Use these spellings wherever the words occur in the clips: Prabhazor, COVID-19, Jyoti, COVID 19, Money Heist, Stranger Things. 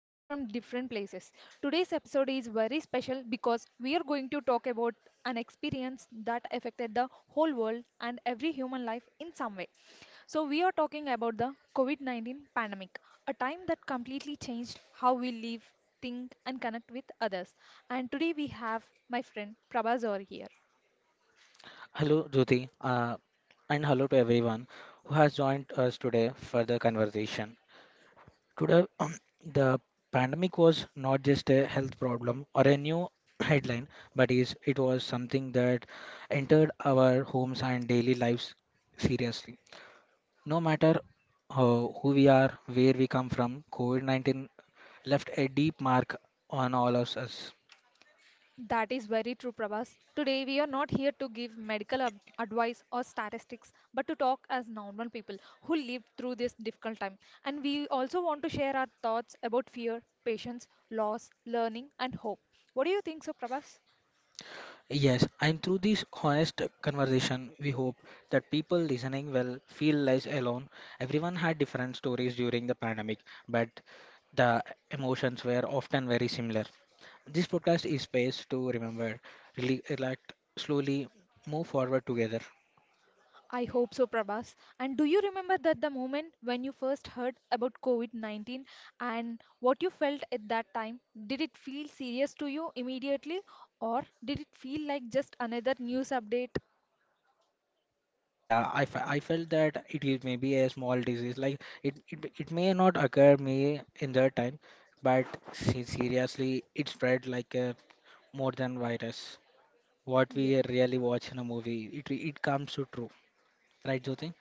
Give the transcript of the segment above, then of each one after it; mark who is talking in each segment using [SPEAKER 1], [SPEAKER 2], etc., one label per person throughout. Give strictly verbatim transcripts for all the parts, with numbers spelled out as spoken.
[SPEAKER 1] today from different places. Today's episode is very special because we are going to talk about an experience that affected the whole world and every human life in some way. So, we are talking about the COVID nineteen pandemic, a time that completely changed how we live, think, and connect with others. And today we have my friend Prabhazor here.
[SPEAKER 2] Hello, Jyoti, uh, and hello to everyone who has joined us today for the conversation. Today, the pandemic was not just a health problem or a new headline, but is it was something that entered our homes and daily lives seriously. No matter uh, who we are, where we come from, COVID nineteen left a deep mark on all of us.
[SPEAKER 1] That is very true, Prabhas. Today, we are not here to give medical ab- advice or statistics, but to talk as normal people who lived through this difficult time. And we also want to share our thoughts about fear, patience, loss, learning, and hope. What do you think so, Prabhas?
[SPEAKER 2] Yes, and through this honest conversation, we hope that people listening will feel less alone. Everyone had different stories during the pandemic, but the emotions were often very similar. This podcast is space to remember, really relax, slowly move forward together.
[SPEAKER 1] I hope so, Prabhas. And do you remember that the moment when you first heard about COVID nineteen and what you felt at that time? Did it feel serious to you immediately, or did it feel like just another news update?
[SPEAKER 2] Yeah, I, fe- I felt that it is maybe a small disease. Like it, it, it may not occur me in that time, but se- seriously, it spread like a more than virus. What
[SPEAKER 1] Yeah.
[SPEAKER 2] we really watch in a movie. It it comes to true, right, Jyoti?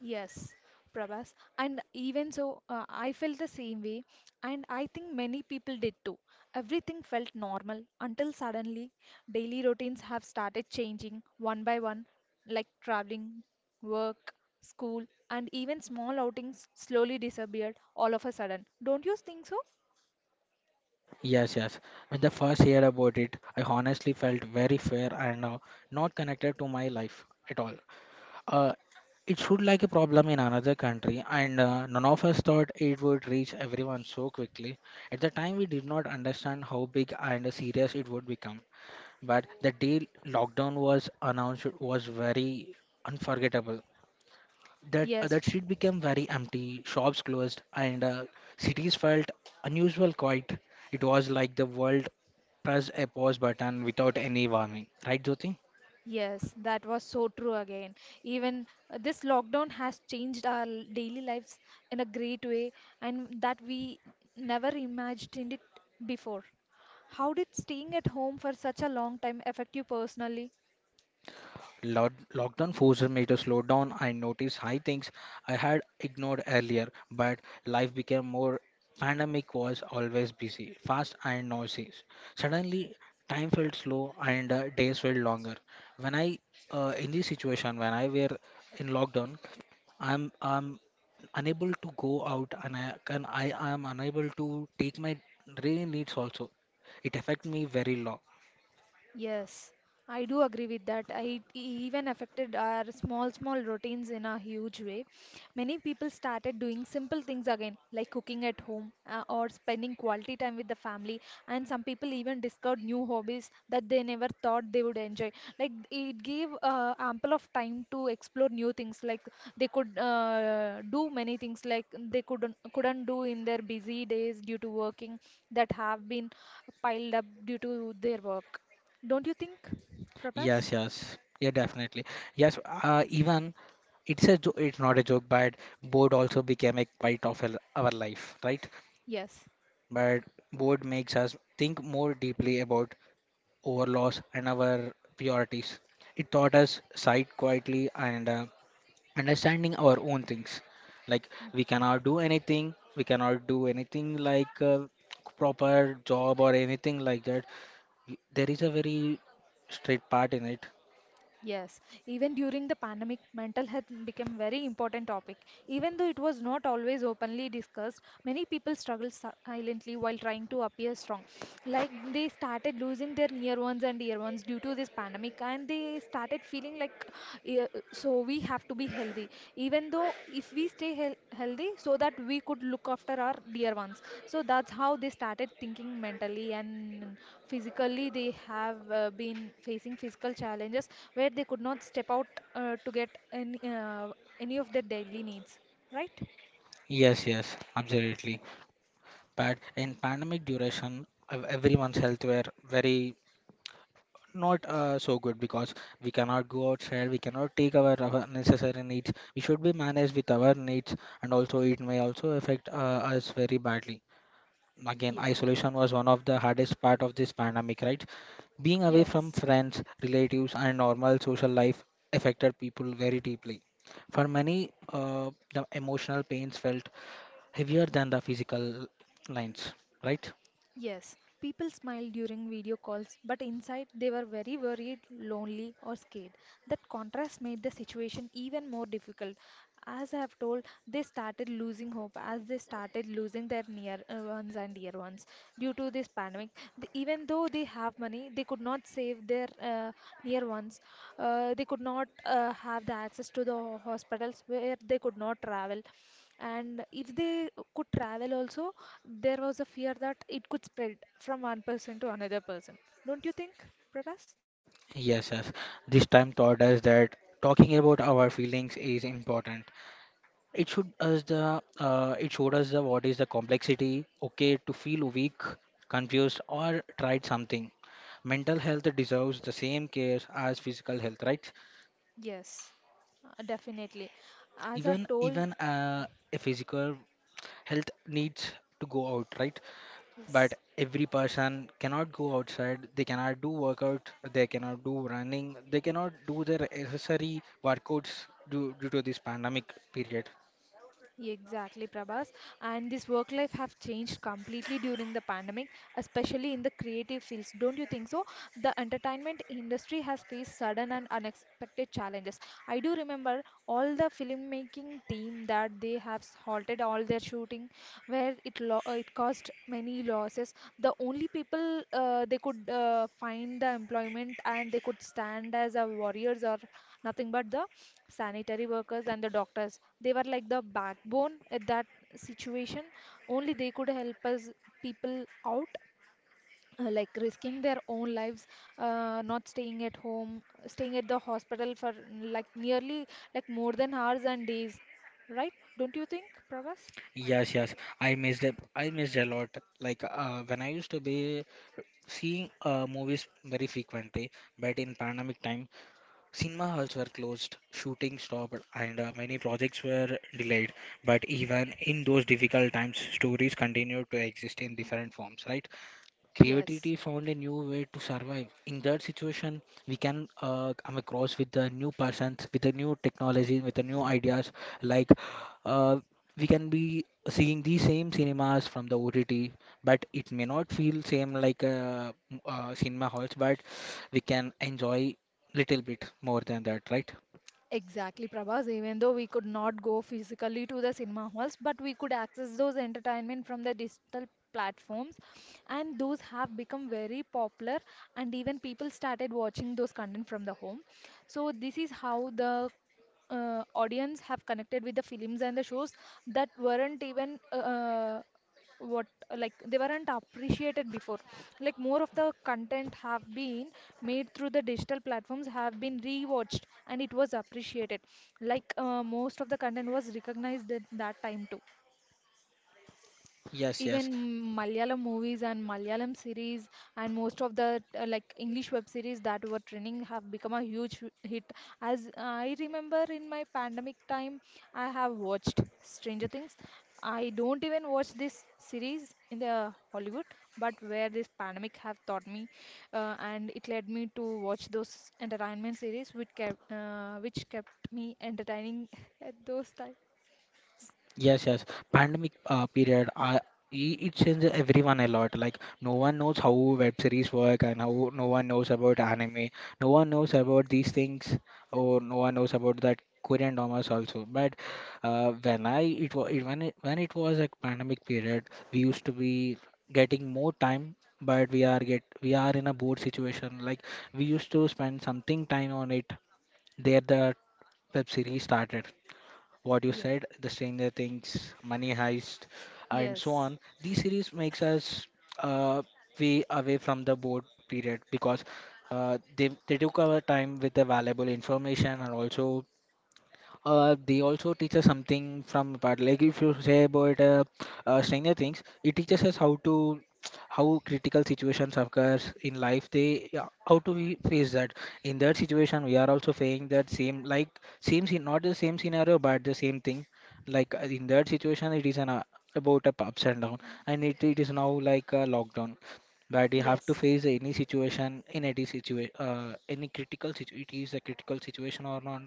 [SPEAKER 1] Yes, Prabhas. And even so, uh, I felt the same way, and I think many people did too. Everything felt normal until suddenly daily routines have started changing one by one, like traveling, work, school, and even small outings slowly disappeared all of a sudden. Don't you think so?
[SPEAKER 2] Yes, yes. When the first heard about it, I honestly felt very fair and uh, not connected to my life at all. Uh, it should like a problem in another country, and uh, none of us thought it would reach everyone so quickly. At the time, we did not understand how big and serious it would become. But the day lockdown was announced was very unforgettable. That uh,
[SPEAKER 1] Yes,
[SPEAKER 2] that street became very empty, shops closed, and uh, cities felt unusual quiet. It was like the world pressed a pause button without any warning. Right, Jyoti?
[SPEAKER 1] yes, that was so true again. Even uh, this lockdown has changed our l- daily lives in a great way, and that we never imagined it before. How did staying at home for such a long time affect you personally?
[SPEAKER 2] Lock lockdown forced me to slow down and notice high things I had ignored earlier, but life became more pandemic was always busy, fast and noisy. Suddenly, time felt slow and uh, days felt longer. When I uh, in this situation, when I were in lockdown, I'm I'm unable to go out and I can I am unable to take my daily needs also. It affect me very low.
[SPEAKER 1] Yes, I do agree with that. I- It even affected our small, small routines in a huge way. Many people started doing simple things again, like cooking at home uh, or spending quality time with the family. And some people even discovered new hobbies that they never thought they would enjoy. Like it gave uh, ample of time to explore new things. Like they could uh, do many things like they couldn't couldn't do in their busy days due to working that have been piled up due to their work. Don't you think, Prabhas?
[SPEAKER 2] Yes, yes. Yeah, definitely. Yes, uh, even it's a jo it's not a joke, but board also became a part of our our life, right?
[SPEAKER 1] Yes,
[SPEAKER 2] But board makes us think more deeply about our loss and our priorities. It taught us sight quietly and uh, understanding our own things like we cannot do anything we cannot do anything like uh, proper job or anything like that. Y- there is a very straight part in it.
[SPEAKER 1] yes. Even during the pandemic, mental health became very important topic. Even though it was not always openly discussed, many people struggled si- silently while trying to appear strong. Like they started losing their near ones and dear ones due to this pandemic, and they started feeling like, "Yeah, so we have to be healthy. Even though if we stay heal- healthy, so that we could look after our dear ones. So that's how they started thinking mentally and physically they have uh, been facing physical challenges where they could not step out uh, to get any, uh, any of their daily needs, right?
[SPEAKER 2] Yes, yes, absolutely. But in pandemic duration, ev- everyone's health were very not uh, so good because we cannot go outside, we cannot take our, our necessary needs, we should be managed with our needs, and also it may also affect uh, us very badly. Again,
[SPEAKER 1] Yeah,
[SPEAKER 2] isolation was one of the hardest part of this pandemic, right? Being away from
[SPEAKER 1] yes.
[SPEAKER 2] friends, relatives and normal social life affected people very deeply. For many, uh, the emotional pains felt heavier than the physical lines, right?
[SPEAKER 1] Yes, people smiled during video calls, but inside they were very worried, lonely, or scared. That contrast made the situation even more difficult. As I have told, they started losing hope as they started losing their near uh, ones and dear ones due to this pandemic. The- even though they have money, they could not save their uh, near ones. Uh, they could not uh, have the access to the ho- hospitals where they could not travel. And if they could travel also, there was a fear that it could spread from one person to another person. Don't you think, Prabhas?
[SPEAKER 2] Yes, yes. This time taught us that talking about our feelings is important. It should us the uh, it showed us the what is the complexity. Okay, to feel weak, confused, or tried something. Mental health deserves the same care as physical health, right?
[SPEAKER 1] Yes, uh, definitely. As I've
[SPEAKER 2] Even
[SPEAKER 1] told,
[SPEAKER 2] even uh, A physical health needs to go out, right?
[SPEAKER 1] yes.
[SPEAKER 2] But every person cannot go outside. They cannot do workout. They cannot do running. They cannot do their necessary workouts due, due to this pandemic period.
[SPEAKER 1] Exactly, Prabhas. And this work life have changed completely during the pandemic, especially in the creative fields. Don't you think so? The entertainment industry has faced sudden and unexpected challenges. I do remember all the filmmaking team that they have halted all their shooting, where it lo uh, it caused many losses. The only people uh, they could uh, find the employment and they could stand as a warriors or nothing but the sanitary workers and the doctors they were like the backbone at that situation only they could help us people out, uh, like risking their own lives, uh, not staying at home, staying at the hospital for mm, like nearly like more than hours and days, right? Don't you think, pravas?
[SPEAKER 2] Yes, yes. I missed it. I missed a lot. Like uh, when I used to be seeing uh, movies very frequently, but in pandemic time, cinema halls were closed, shooting stopped, and uh, many projects were delayed. But even in those difficult times, stories continued to exist in different forms, right?
[SPEAKER 1] Yes.
[SPEAKER 2] Creativity found a new way to survive in that situation. We can uh, come across with the new persons, with the new technology, with the new ideas, like uh, we can be seeing the same cinemas from the ott, but it may not feel same like uh, m- uh, cinema halls, but we can enjoy little bit more than that, right?
[SPEAKER 1] Exactly, Prabhas. Even though we could not go physically to the cinema halls, but we could access those entertainment from the digital platforms, and those have become very popular, and even people started watching those content from the home. So this is how the uh, audience have connected with the films and the shows that weren't even uh, uh, what like they weren't appreciated before. Like more of the content have been made through the digital platforms have been rewatched and it was appreciated. Like uh, most of the content was recognized at that time too,
[SPEAKER 2] Yes,
[SPEAKER 1] even
[SPEAKER 2] yes.
[SPEAKER 1] Malayalam movies and Malayalam series and most of the uh, like English web series that were trending have become a huge hit. As I remember in my pandemic time, I have watched Stranger Things. I don't even watch this series in the Hollywood, but where this pandemic have taught me, uh, and it led me to watch those entertainment series which kept uh, which kept me entertaining at those times.
[SPEAKER 2] Yes, yes. Pandemic uh, period, I, I- It changed everyone a lot. Like no one knows how web series work, and how no one knows about anime. No one knows about these things, or no one knows about that Korean dramas also. But uh, when I it was it, when it, when it was a pandemic period, we used to be getting more time. But we are get we are in a bored situation. Like we used to spend something time on it. There the web series started what you
[SPEAKER 1] Yeah.
[SPEAKER 2] said, the Stranger Things, Money Heist, and so
[SPEAKER 1] Yes.
[SPEAKER 2] on. These series makes us uh, way away from the board period because uh, they they took our time with the valuable information, and also uh, they also teach us something from the part. Like if you say about uh, uh, Stranger Things, it teaches us how to how critical situations occurs in life. They yeah, how to we face that. In that situation, we are also facing that same like same scene, not the same scenario, but the same thing. Like uh, in that situation, it is an uh, about up ups and down, and it, it is now like a lockdown. But you have to
[SPEAKER 1] Yes.
[SPEAKER 2] face any situation, in any situation, uh, any critical situation. It is a critical situation or not,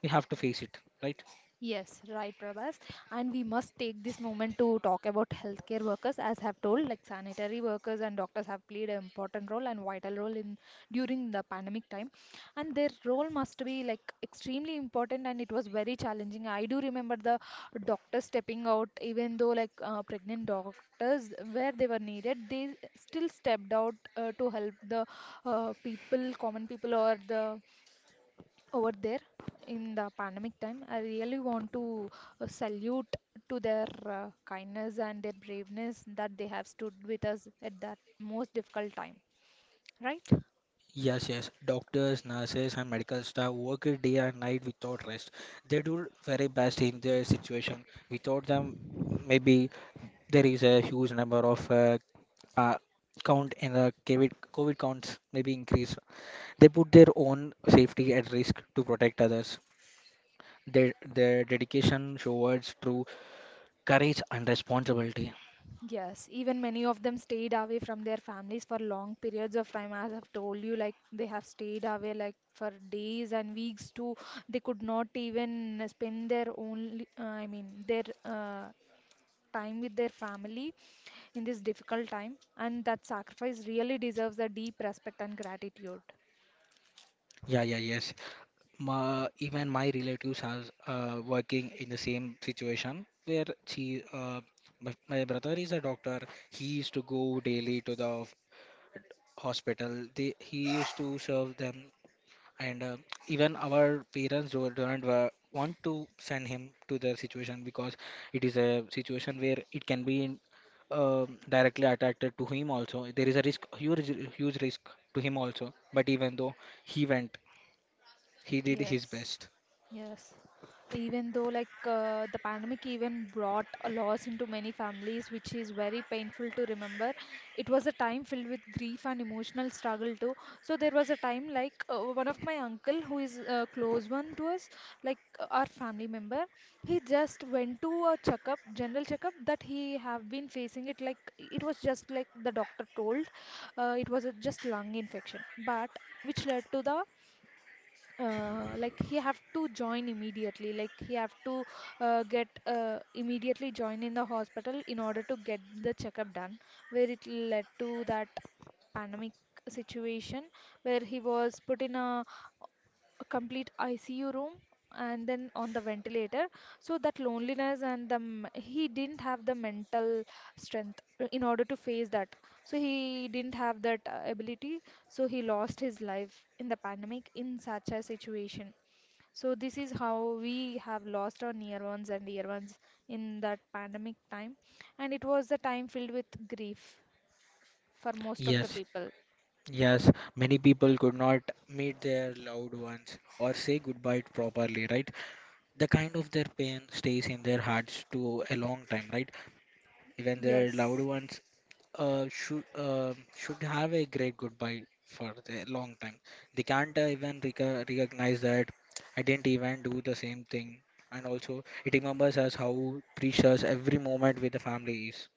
[SPEAKER 2] we have to face it, right?
[SPEAKER 1] Yes, right, Prabhas. And we must take this moment to talk about healthcare workers, as have told, like sanitary workers and doctors have played an important role and vital role in during the pandemic time. And their role must be like extremely important, and it was very challenging. I do remember the doctors stepping out, even though like uh, pregnant doctors, where they were needed, they still stepped out uh, to help the uh, people, common people, or the over there in the pandemic time. I really want to uh, salute to their uh, kindness and their braveness that they have stood with us at that most difficult time. Right?
[SPEAKER 2] Yes, yes. Doctors, nurses, and medical staff work it day and night without rest. They do very best in their situation. Without them, maybe there is a huge number of uh, uh, count in the COVID, COVID counts maybe increase. They put their own safety at risk to protect others. Their their dedication towards true courage and responsibility.
[SPEAKER 1] Yes, even many of them stayed away from their families for long periods of time. As I've told you, like they have stayed away like for days and weeks too. They could not even spend their only, uh, I mean, their uh, time with their family in this difficult time and that sacrifice really deserves a deep respect and gratitude.
[SPEAKER 2] Yeah, yeah, yes. My, even my relatives are uh, working in the same situation where she, uh, my, my brother is a doctor. He used to go daily to the f- hospital. They, he used to serve them, and uh, even our parents do, don't wa- want to send him to the situation because it is a situation where it can be in, um, directly attracted to him also. There is a risk, huge, huge risk to him also. But even though he went, he did his
[SPEAKER 1] Yes,
[SPEAKER 2] best.
[SPEAKER 1] yes. Even though like uh, the pandemic even brought a loss into many families, which is very painful to remember. It was a time filled with grief and emotional struggle too. So there was a time like uh, one of my uncle who is a close one to us, like uh, our family member, he just went to a checkup, general checkup that he have been facing it like it was just like the doctor told, uh, it was a just lung infection, but which led to the uh, like he have to join immediately like he have to uh, get uh, immediately join in the hospital in order to get the checkup done where it led to that pandemic situation where he was put in a, a complete I C U room and then on the ventilator, so that loneliness and the m- he didn't have the mental strength uh, in order to face that, so he didn't have that uh, ability, so he lost his life in the pandemic in such a situation. So this is how we have lost our near ones and dear ones in that pandemic time. And it was the time filled with grief for most of the
[SPEAKER 2] Yes,
[SPEAKER 1] people.
[SPEAKER 2] yes, many people could not meet their loved ones or say goodbye properly, right? The kind of their pain stays in their hearts to a long time, right? Even their loved
[SPEAKER 1] Yes.
[SPEAKER 2] ones uh, should uh, should have a great goodbye for a long time. They can't uh, even reco- recognize that I didn't even do the same thing, and also it remembers us how precious every moment with the family is.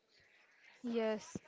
[SPEAKER 1] Yes.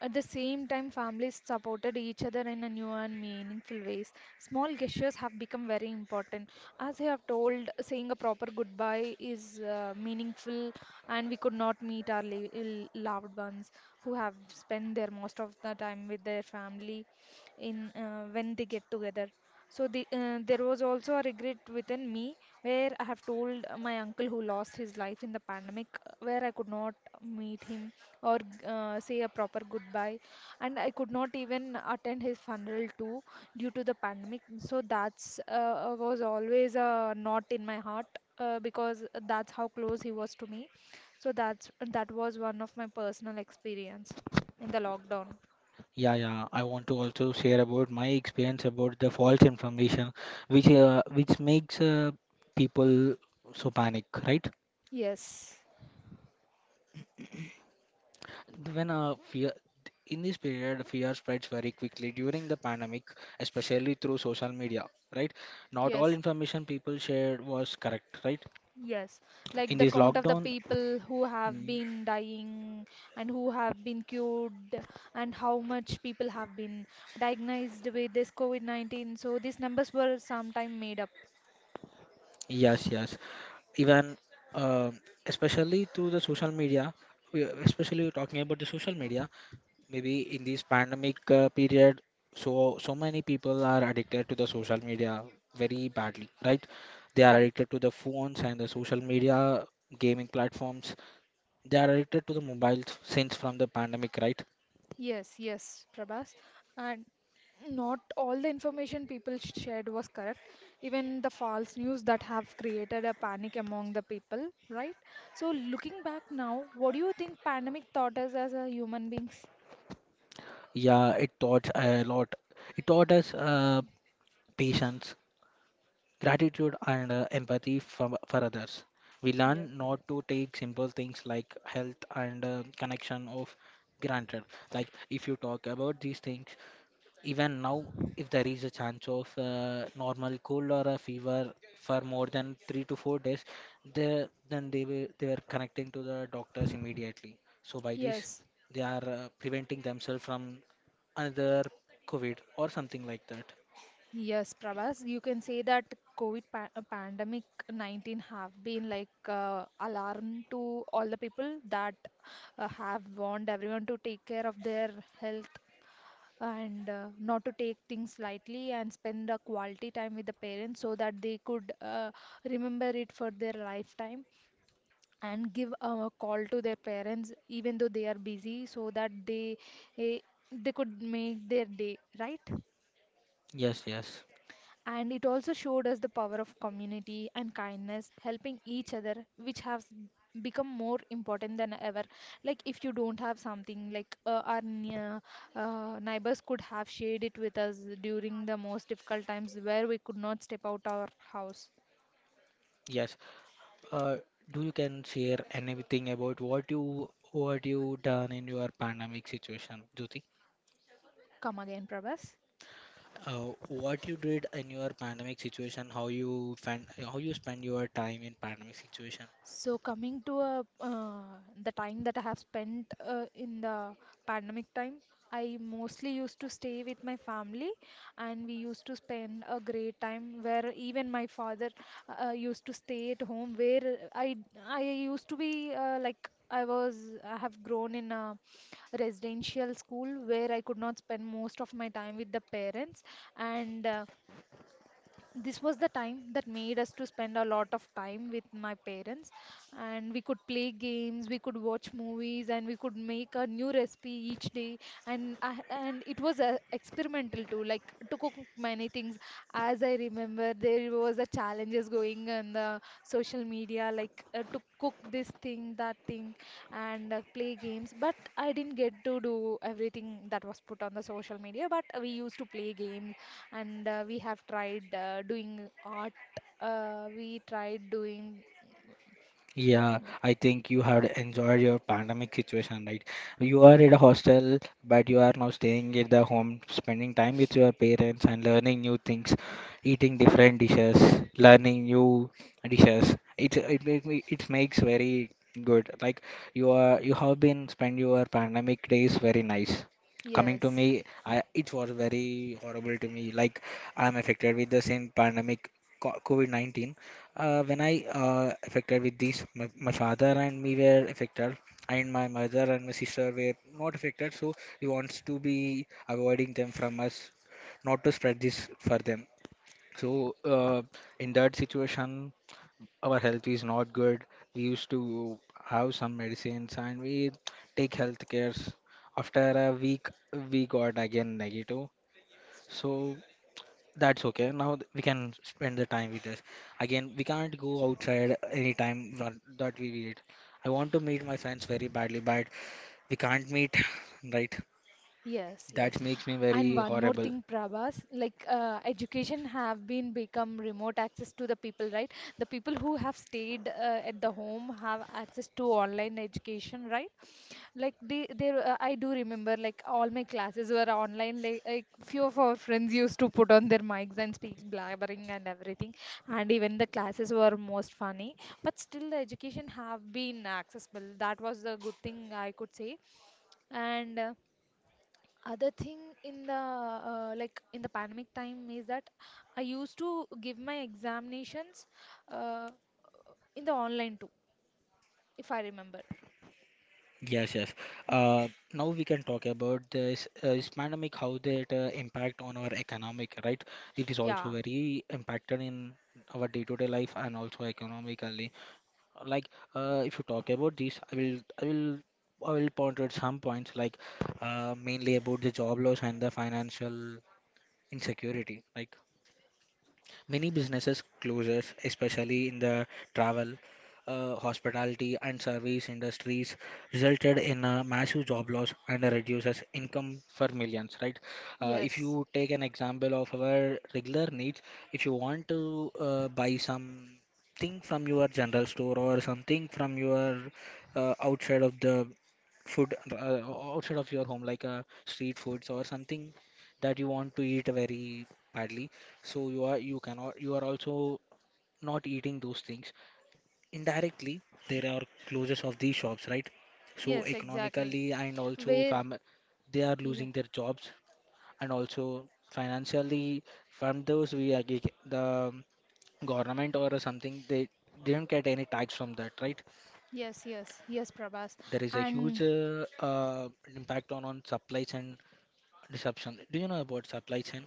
[SPEAKER 1] At the same time, families supported each other in a new and meaningful ways. Small gestures have become very important. As I have told, saying a proper goodbye is uh, meaningful, and we could not meet our li- l- loved ones who have spent their most of the time with their family in uh, when they get together. So the, uh, there was also a regret within me where I have told my uncle who lost his life in the pandemic, where I could not meet him or uh, say a proper goodbye, and I could not even attend his funeral too due to the pandemic. So that's uh, was always a knot in my heart, uh, because that's how close he was to me. So that's that was one of my personal experience in the lockdown.
[SPEAKER 2] Yeah, yeah. I want to also share about my experience about the false information, which uh, which makes uh, people so panic, right?
[SPEAKER 1] Yes,
[SPEAKER 2] When uh, fear In this period, fear spreads very quickly during the pandemic, especially through social media, right? Not all
[SPEAKER 1] yes.
[SPEAKER 2] information people shared was correct, right?
[SPEAKER 1] Yes, like
[SPEAKER 2] In
[SPEAKER 1] the
[SPEAKER 2] this
[SPEAKER 1] count of the
[SPEAKER 2] lockdown,
[SPEAKER 1] people who have
[SPEAKER 2] mm,
[SPEAKER 1] been dying and who have been cured, and how much people have been diagnosed with this COVID nineteen. So these numbers were sometime made up.
[SPEAKER 2] yes, yes. Even uh, especially through the social media, we- especially we're talking about the social media, maybe in this pandemic uh, period, so so many people are addicted to the social media very badly, right? They are
[SPEAKER 1] Right.
[SPEAKER 2] addicted to the phones and the social media, gaming platforms. They are addicted to the mobiles since from the pandemic, right?
[SPEAKER 1] Yes, yes, Prabhas. And not all the information people sh- shared was correct. Even the false news that have created a panic among the people, right? So looking back now, what do you think pandemic taught us as a human beings?
[SPEAKER 2] Yeah, it taught a lot. It taught us uh, patience, gratitude and uh, empathy for, for others. We learn
[SPEAKER 1] Yeah.
[SPEAKER 2] not to take simple things like health and uh, connection of granted. Like if you talk about these things. Even now, if there is a chance of uh, normal cold or a fever for more than three to four days, they, then they will, they are connecting to the doctors immediately. So by this,
[SPEAKER 1] Yes.
[SPEAKER 2] they are uh, preventing themselves from another COVID or something like that.
[SPEAKER 1] Yes, Prabhas, you can say that COVID pa uh, pandemic nineteen have been like uh, alarm to all the people that uh, have warned everyone to take care of their health and, uh, not to take things lightly and spend a quality time with the parents so that they could uh, remember it for their lifetime, and give a call to their parents even though they are busy so that they eh, they could make their day, right?
[SPEAKER 2] Yes, yes,
[SPEAKER 1] And it also showed us the power of community and kindness, helping each other, which has become more important than ever. Like if you don't have something, like uh, our near, uh, neighbors could have shared it with us during the most difficult times where we could not step out our house.
[SPEAKER 2] yes. Uh, do you can share anything about what you what you done in your pandemic situation, Jyoti?
[SPEAKER 1] Come again, Prabhas.
[SPEAKER 2] Uh, what you did in your pandemic situation, how you fan, how you spend your time in pandemic situation?
[SPEAKER 1] So coming to a uh, the time that I have spent uh, in the pandemic time, I mostly used to stay with my family, and we used to spend a great time where even my father uh, used to stay at home. Where I I used to be uh, like I was I have grown in a residential school where I could not spend most of my time with the parents, and uh, this was the time that made us to spend a lot of time with my parents, and we could play games, we could watch movies, and we could make a new recipe each day. And I and it was uh, experimental too, like to cook many things. As I remember, there was a challenges going on the social media, like uh, to cook this thing, that thing, and uh, play games. But I didn't get to do everything that was put on the social media, but we used to play games and uh, we have tried uh, doing art. Uh, we tried doing
[SPEAKER 2] Yeah,
[SPEAKER 1] uh,
[SPEAKER 2] I think you had enjoyed your pandemic situation, right? You are at a hostel, but you are now staying at the home, spending time with your parents and learning new things, eating different dishes, learning new dishes. It it make me- it makes very good. Like you are you have been spend your pandemic days very nice. Coming to
[SPEAKER 1] yes.
[SPEAKER 2] me, I it was very horrible to me. Like I'm affected with the same pandemic, co- COVID nineteen. Uh, when I uh, affected with this, my, my father and me were affected, and my mother and my sister were not affected. So we wants to be avoiding them from us, not to spread this for them. So, uh, in that situation, our health is not good. We used to have some medicines and we take health cares. After a week, we got again negative. So, that's okay. Now th- we can spend the time with this. Again, we can't go outside anytime that that we need. I want to meet my friends very badly, but we can't meet, right?
[SPEAKER 1] Yes, yes.
[SPEAKER 2] That makes me
[SPEAKER 1] And
[SPEAKER 2] very
[SPEAKER 1] one more
[SPEAKER 2] horrible.
[SPEAKER 1] thing, Prabhas, like uh, education have been become remote access to the people, right? The people who have stayed uh, at the home have access to online education, right? Like they, they, uh, I do remember like all my classes were online. Like, like few of our friends used to put on their mics and speak blabbering and everything, and even the classes were most funny. But still, the education have been accessible. That was the good thing I could say. And. Uh, other thing in the uh, like in the pandemic time is that I used to give my examinations uh, in the online too, if I remember.
[SPEAKER 2] Yes, yes. Uh, Now we can talk about this, uh, this pandemic, how that uh, impact on our economic, right? It is also
[SPEAKER 1] Yeah.
[SPEAKER 2] very impacted in our day-to-day life and also economically. Like uh, if you talk about this, i will i will i will point out some points like uh, mainly about the job loss and the financial insecurity, like many businesses closes, especially in the travel, uh, hospitality, and service industries, resulted in a massive job loss and reduces income for millions. Right? Uh, if
[SPEAKER 1] Yes.
[SPEAKER 2] you take an example of our regular needs, if you want to uh, buy some thing from your general store or something from your uh, outside of the food, uh, outside of your home, like uh, street foods or something that you want to eat very badly, so you are you cannot you are also not eating those things indirectly. There are closures of these shops, right? So
[SPEAKER 1] Yes, exactly.
[SPEAKER 2] economically, and also
[SPEAKER 1] Where,
[SPEAKER 2] fam they are
[SPEAKER 1] yeah,
[SPEAKER 2] losing their jobs, and also financially, from those we are get- the government or something, they didn't get any tax from that, right?
[SPEAKER 1] yes, yes, yes, Prabhas.
[SPEAKER 2] There is a huge
[SPEAKER 1] And,
[SPEAKER 2] uh, uh, impact on on supply chain disruption. Do you know about supply chain?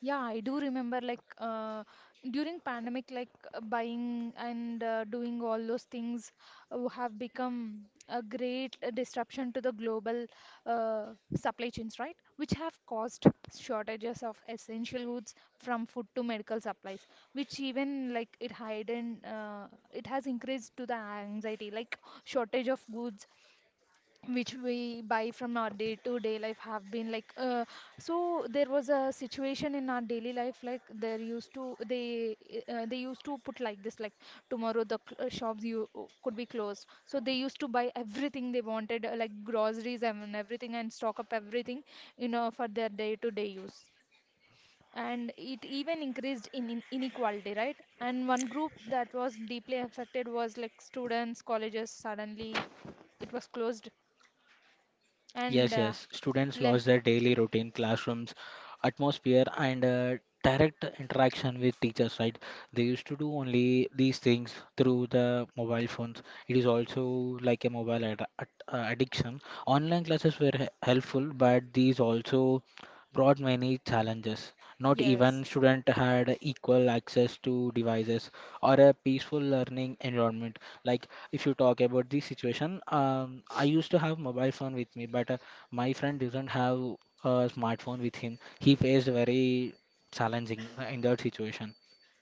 [SPEAKER 1] yeah, I do remember like uh, during pandemic, like uh, buying and uh, doing all those things uh, have become a great uh, disruption to the global uh, supply chains, right? Which have caused shortages of essential goods from food to medical supplies, which even like it heightened, uh, it has increased to the anxiety, like shortage of goods which we buy from our day to day life have been like, uh, so there was a situation in our daily life like there used to they uh, they used to put like this, like tomorrow the cl- uh, shops you uh, could be closed, so they used to buy everything they wanted, uh, like groceries and everything, and stock up everything, you know, for their day to day use. And it even increased in, in inequality, right? And one group that was deeply affected was like students. Colleges suddenly it was closed, and
[SPEAKER 2] Yes,
[SPEAKER 1] uh,
[SPEAKER 2] yes. Students
[SPEAKER 1] le
[SPEAKER 2] lost their daily routine, classrooms, atmosphere, and uh, direct interaction with teachers, right? They used to do only these things through the mobile phones. It is also like a mobile ad ad- uh, addiction. Online classes were he- helpful, but these also brought many challenges. Not even
[SPEAKER 1] yes,
[SPEAKER 2] student had equal access to devices or a peaceful learning environment. Like if you talk about this situation, um, I used to have mobile phone with me, but uh, my friend didn't have a smartphone with him. He faced very challenging uh, in that situation.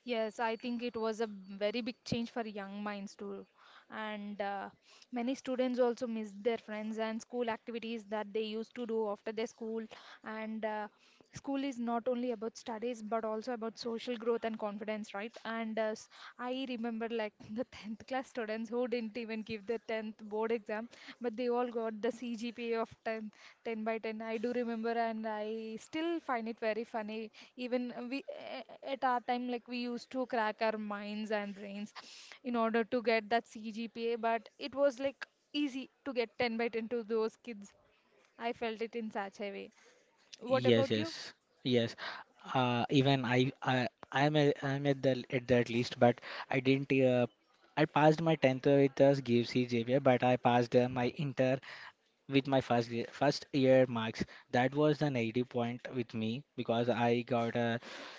[SPEAKER 1] yes, I think it was a b- very big change for young minds too. And uh, many students also miss their friends and school activities that they used to do after their school. And uh, school is not only about studies but also about social growth and confidence, right? And uh, s- I remember like the tenth class students who didn't even give the tenth board exam, but they all got the C G P A of 10, 10 by ten. I do remember, and I still find it very funny. Even uh, we a- a- at our time, like we used to crack our minds and brains in order to get that CGPA, but it was like easy to get ten by ten to those kids. I felt it in such a way. What
[SPEAKER 2] Yes,
[SPEAKER 1] about you?
[SPEAKER 2] yes, yes. Uh, even I, I, I'm a, I'm at the at that list, but I didn't. Uh, I passed my tenth with us G F C, but I passed uh, my inter with my first gre- first year marks. That was an eighty point with me, because I got a,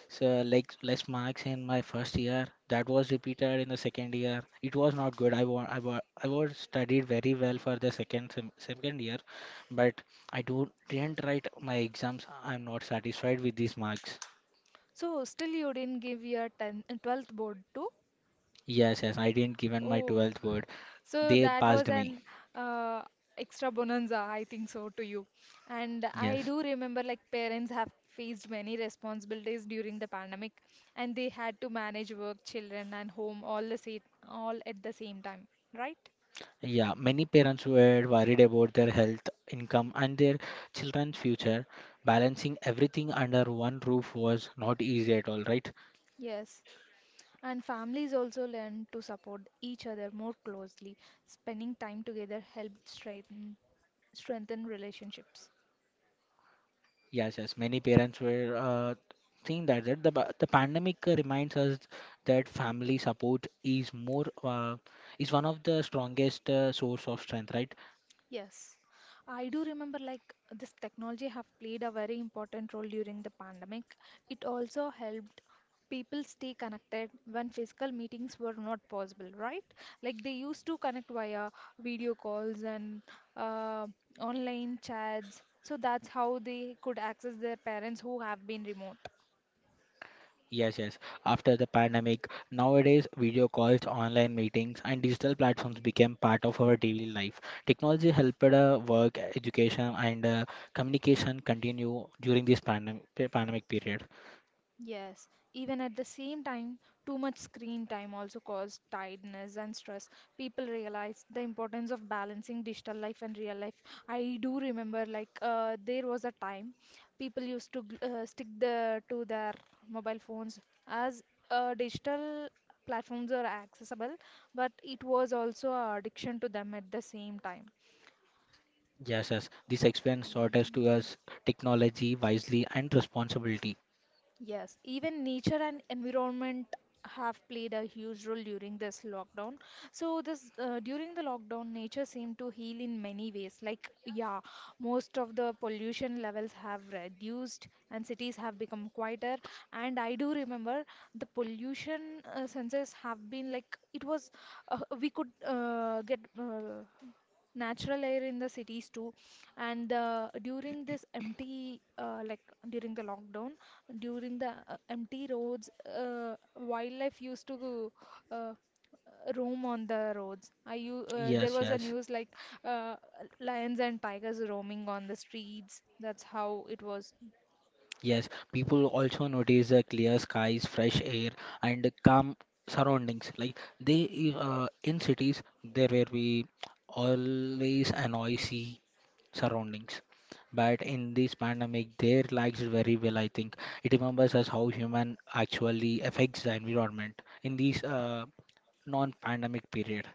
[SPEAKER 2] so, like, less marks in my first year that was repeated in the second year. It was not good. i wa- i wa- I was studied very well for the second sem- second year, but I do didn't write my exams. I'm not satisfied with these marks.
[SPEAKER 1] So still you didn't give your ten, twelfth board to.
[SPEAKER 2] Yes, yes, I didn't given my
[SPEAKER 1] Oh,
[SPEAKER 2] twelfth word.
[SPEAKER 1] so
[SPEAKER 2] They
[SPEAKER 1] that was
[SPEAKER 2] passed me.
[SPEAKER 1] an, uh, extra bonanza, I think so, to you. And I
[SPEAKER 2] Yes.
[SPEAKER 1] do remember like parents have faced many responsibilities during the pandemic, and they had to manage work, children, and home all the same, all at the same time, right?
[SPEAKER 2] Yeah, many parents were worried about their health, income, and their children's future. Balancing everything under one roof was not easy at all, right?
[SPEAKER 1] Yes, and families also learn to support each other more closely. Spending time together helped strengthen strengthen relationships.
[SPEAKER 2] Yes, yes. Many parents were uh, think that, that the ba- the pandemic uh, reminds us that family support is more uh, is one of the strongest uh, source of strength, right?
[SPEAKER 1] Yes, I do remember like this technology have played a very important role during the pandemic. It also helped people stay connected when physical meetings were not possible, right? Like they used to connect via video calls and uh, online chats. So that's how they could access their parents who have been remote.
[SPEAKER 2] Yes, yes. After the pandemic, nowadays video calls, online meetings, and digital platforms became part of our daily life. Technology helped uh, work, education, and uh, communication continue during this pandem pandemic period.
[SPEAKER 1] Yes, even at the same time, too much screen time also caused tiredness and stress. People realize the importance of balancing digital life and real life. I do remember, like, uh, there was a time people used to gl- uh, stick the, to their mobile phones as, uh, digital platforms are accessible, but it was also an addiction to them at the same time.
[SPEAKER 2] Yes, yes. This experience taught us to us technology wisely and responsibility.
[SPEAKER 1] Yes, even nature and environment have played a huge role during this lockdown. So this uh, during the lockdown, nature seemed to heal in many ways. Like, yeah, most of the pollution levels have reduced and cities have become quieter. And I do remember the pollution uh, sensors have been like it was, uh, we could uh, get uh, natural air in the cities too. And uh, during this empty uh, like during the lockdown, during the uh, empty roads, uh, wildlife used to uh, roam on the roads. I you uh, There
[SPEAKER 2] Yes,
[SPEAKER 1] was a
[SPEAKER 2] yes.
[SPEAKER 1] news like uh, lions and tigers roaming on the streets. That's how it was.
[SPEAKER 2] Yes, people also notice the clear skies, fresh air, and calm surroundings. Like they uh, in cities, there will be always a noisy surroundings. But in this pandemic, they relaxed very well. I think it remembers us how human actually affects the environment in this uh, non-pandemic period.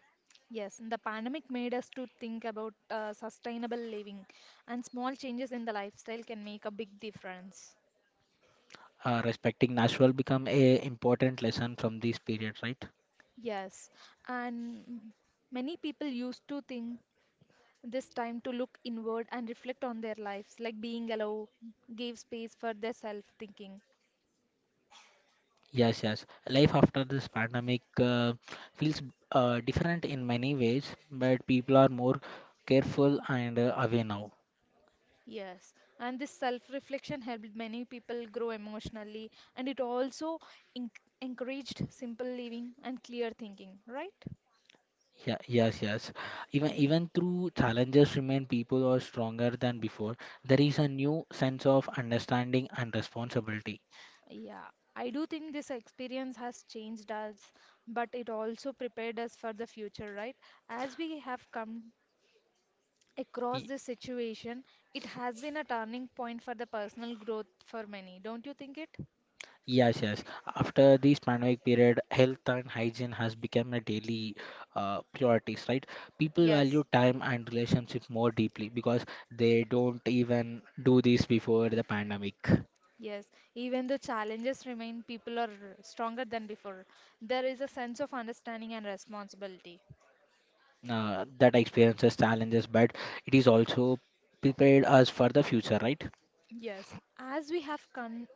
[SPEAKER 1] Yes, and the pandemic made us to think about uh, sustainable living, and small changes in the lifestyle can make a big difference.
[SPEAKER 2] Uh, respecting natural become a important lesson from this period, right?
[SPEAKER 1] Yes, and many people used to think this time to look inward and reflect on their lives, like being allowed, gave space for their self thinking.
[SPEAKER 2] Yes, yes. Life after this pandemic uh, feels uh, different in many ways, but people are more careful and uh, aware now.
[SPEAKER 1] Yes, and this self reflection helped many people grow emotionally, and it also en- encouraged simple living and clear thinking, right?
[SPEAKER 2] Yeah, yes, yes. Even even through challenges remain, people are stronger than before. There is a new sense of understanding and responsibility.
[SPEAKER 1] Yeah, I do think this experience has changed us, but it also prepared us for the future, right? As we have come across this situation, it has been a turning point for the personal growth for many. Don't you think it?
[SPEAKER 2] Yes, yes. After this pandemic period, health and hygiene has become a daily uh, priorities, right? People value
[SPEAKER 1] Yes,
[SPEAKER 2] time and relationship more deeply, because they don't even do this before the pandemic.
[SPEAKER 1] yes. Even though challenges remain, people are stronger than before. There is a sense of understanding and responsibility.
[SPEAKER 2] Uh, that experiences challenges, but it is also prepared us for the future, right?
[SPEAKER 1] Yes, as we have come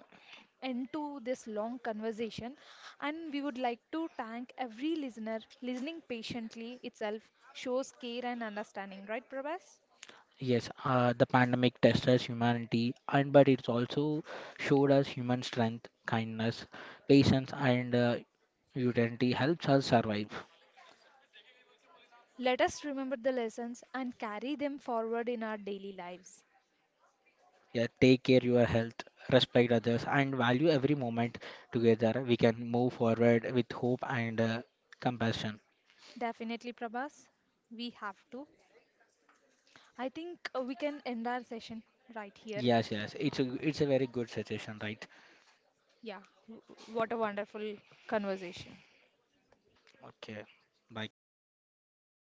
[SPEAKER 1] into this long conversation, and we would like to thank every listener. Listening patiently itself shows care and understanding, right, Prabhas?
[SPEAKER 2] Yes, uh, the pandemic tested us humanity, and but it's also showed us human strength, kindness, patience, and uh, utility helps us survive.
[SPEAKER 1] Let us remember the lessons and carry them forward in our daily lives.
[SPEAKER 2] Yeah, take care your health, respect others, and value every moment. Together we can move forward with hope and uh, compassion.
[SPEAKER 1] Definitely, Prabhas, we have to. I think uh, we can end our session right here.
[SPEAKER 2] Yes, yes, it's a it's a very good suggestion, right?
[SPEAKER 1] Yeah, w- w- what a wonderful conversation.
[SPEAKER 2] Okay. Bye. Bye, Jyoti.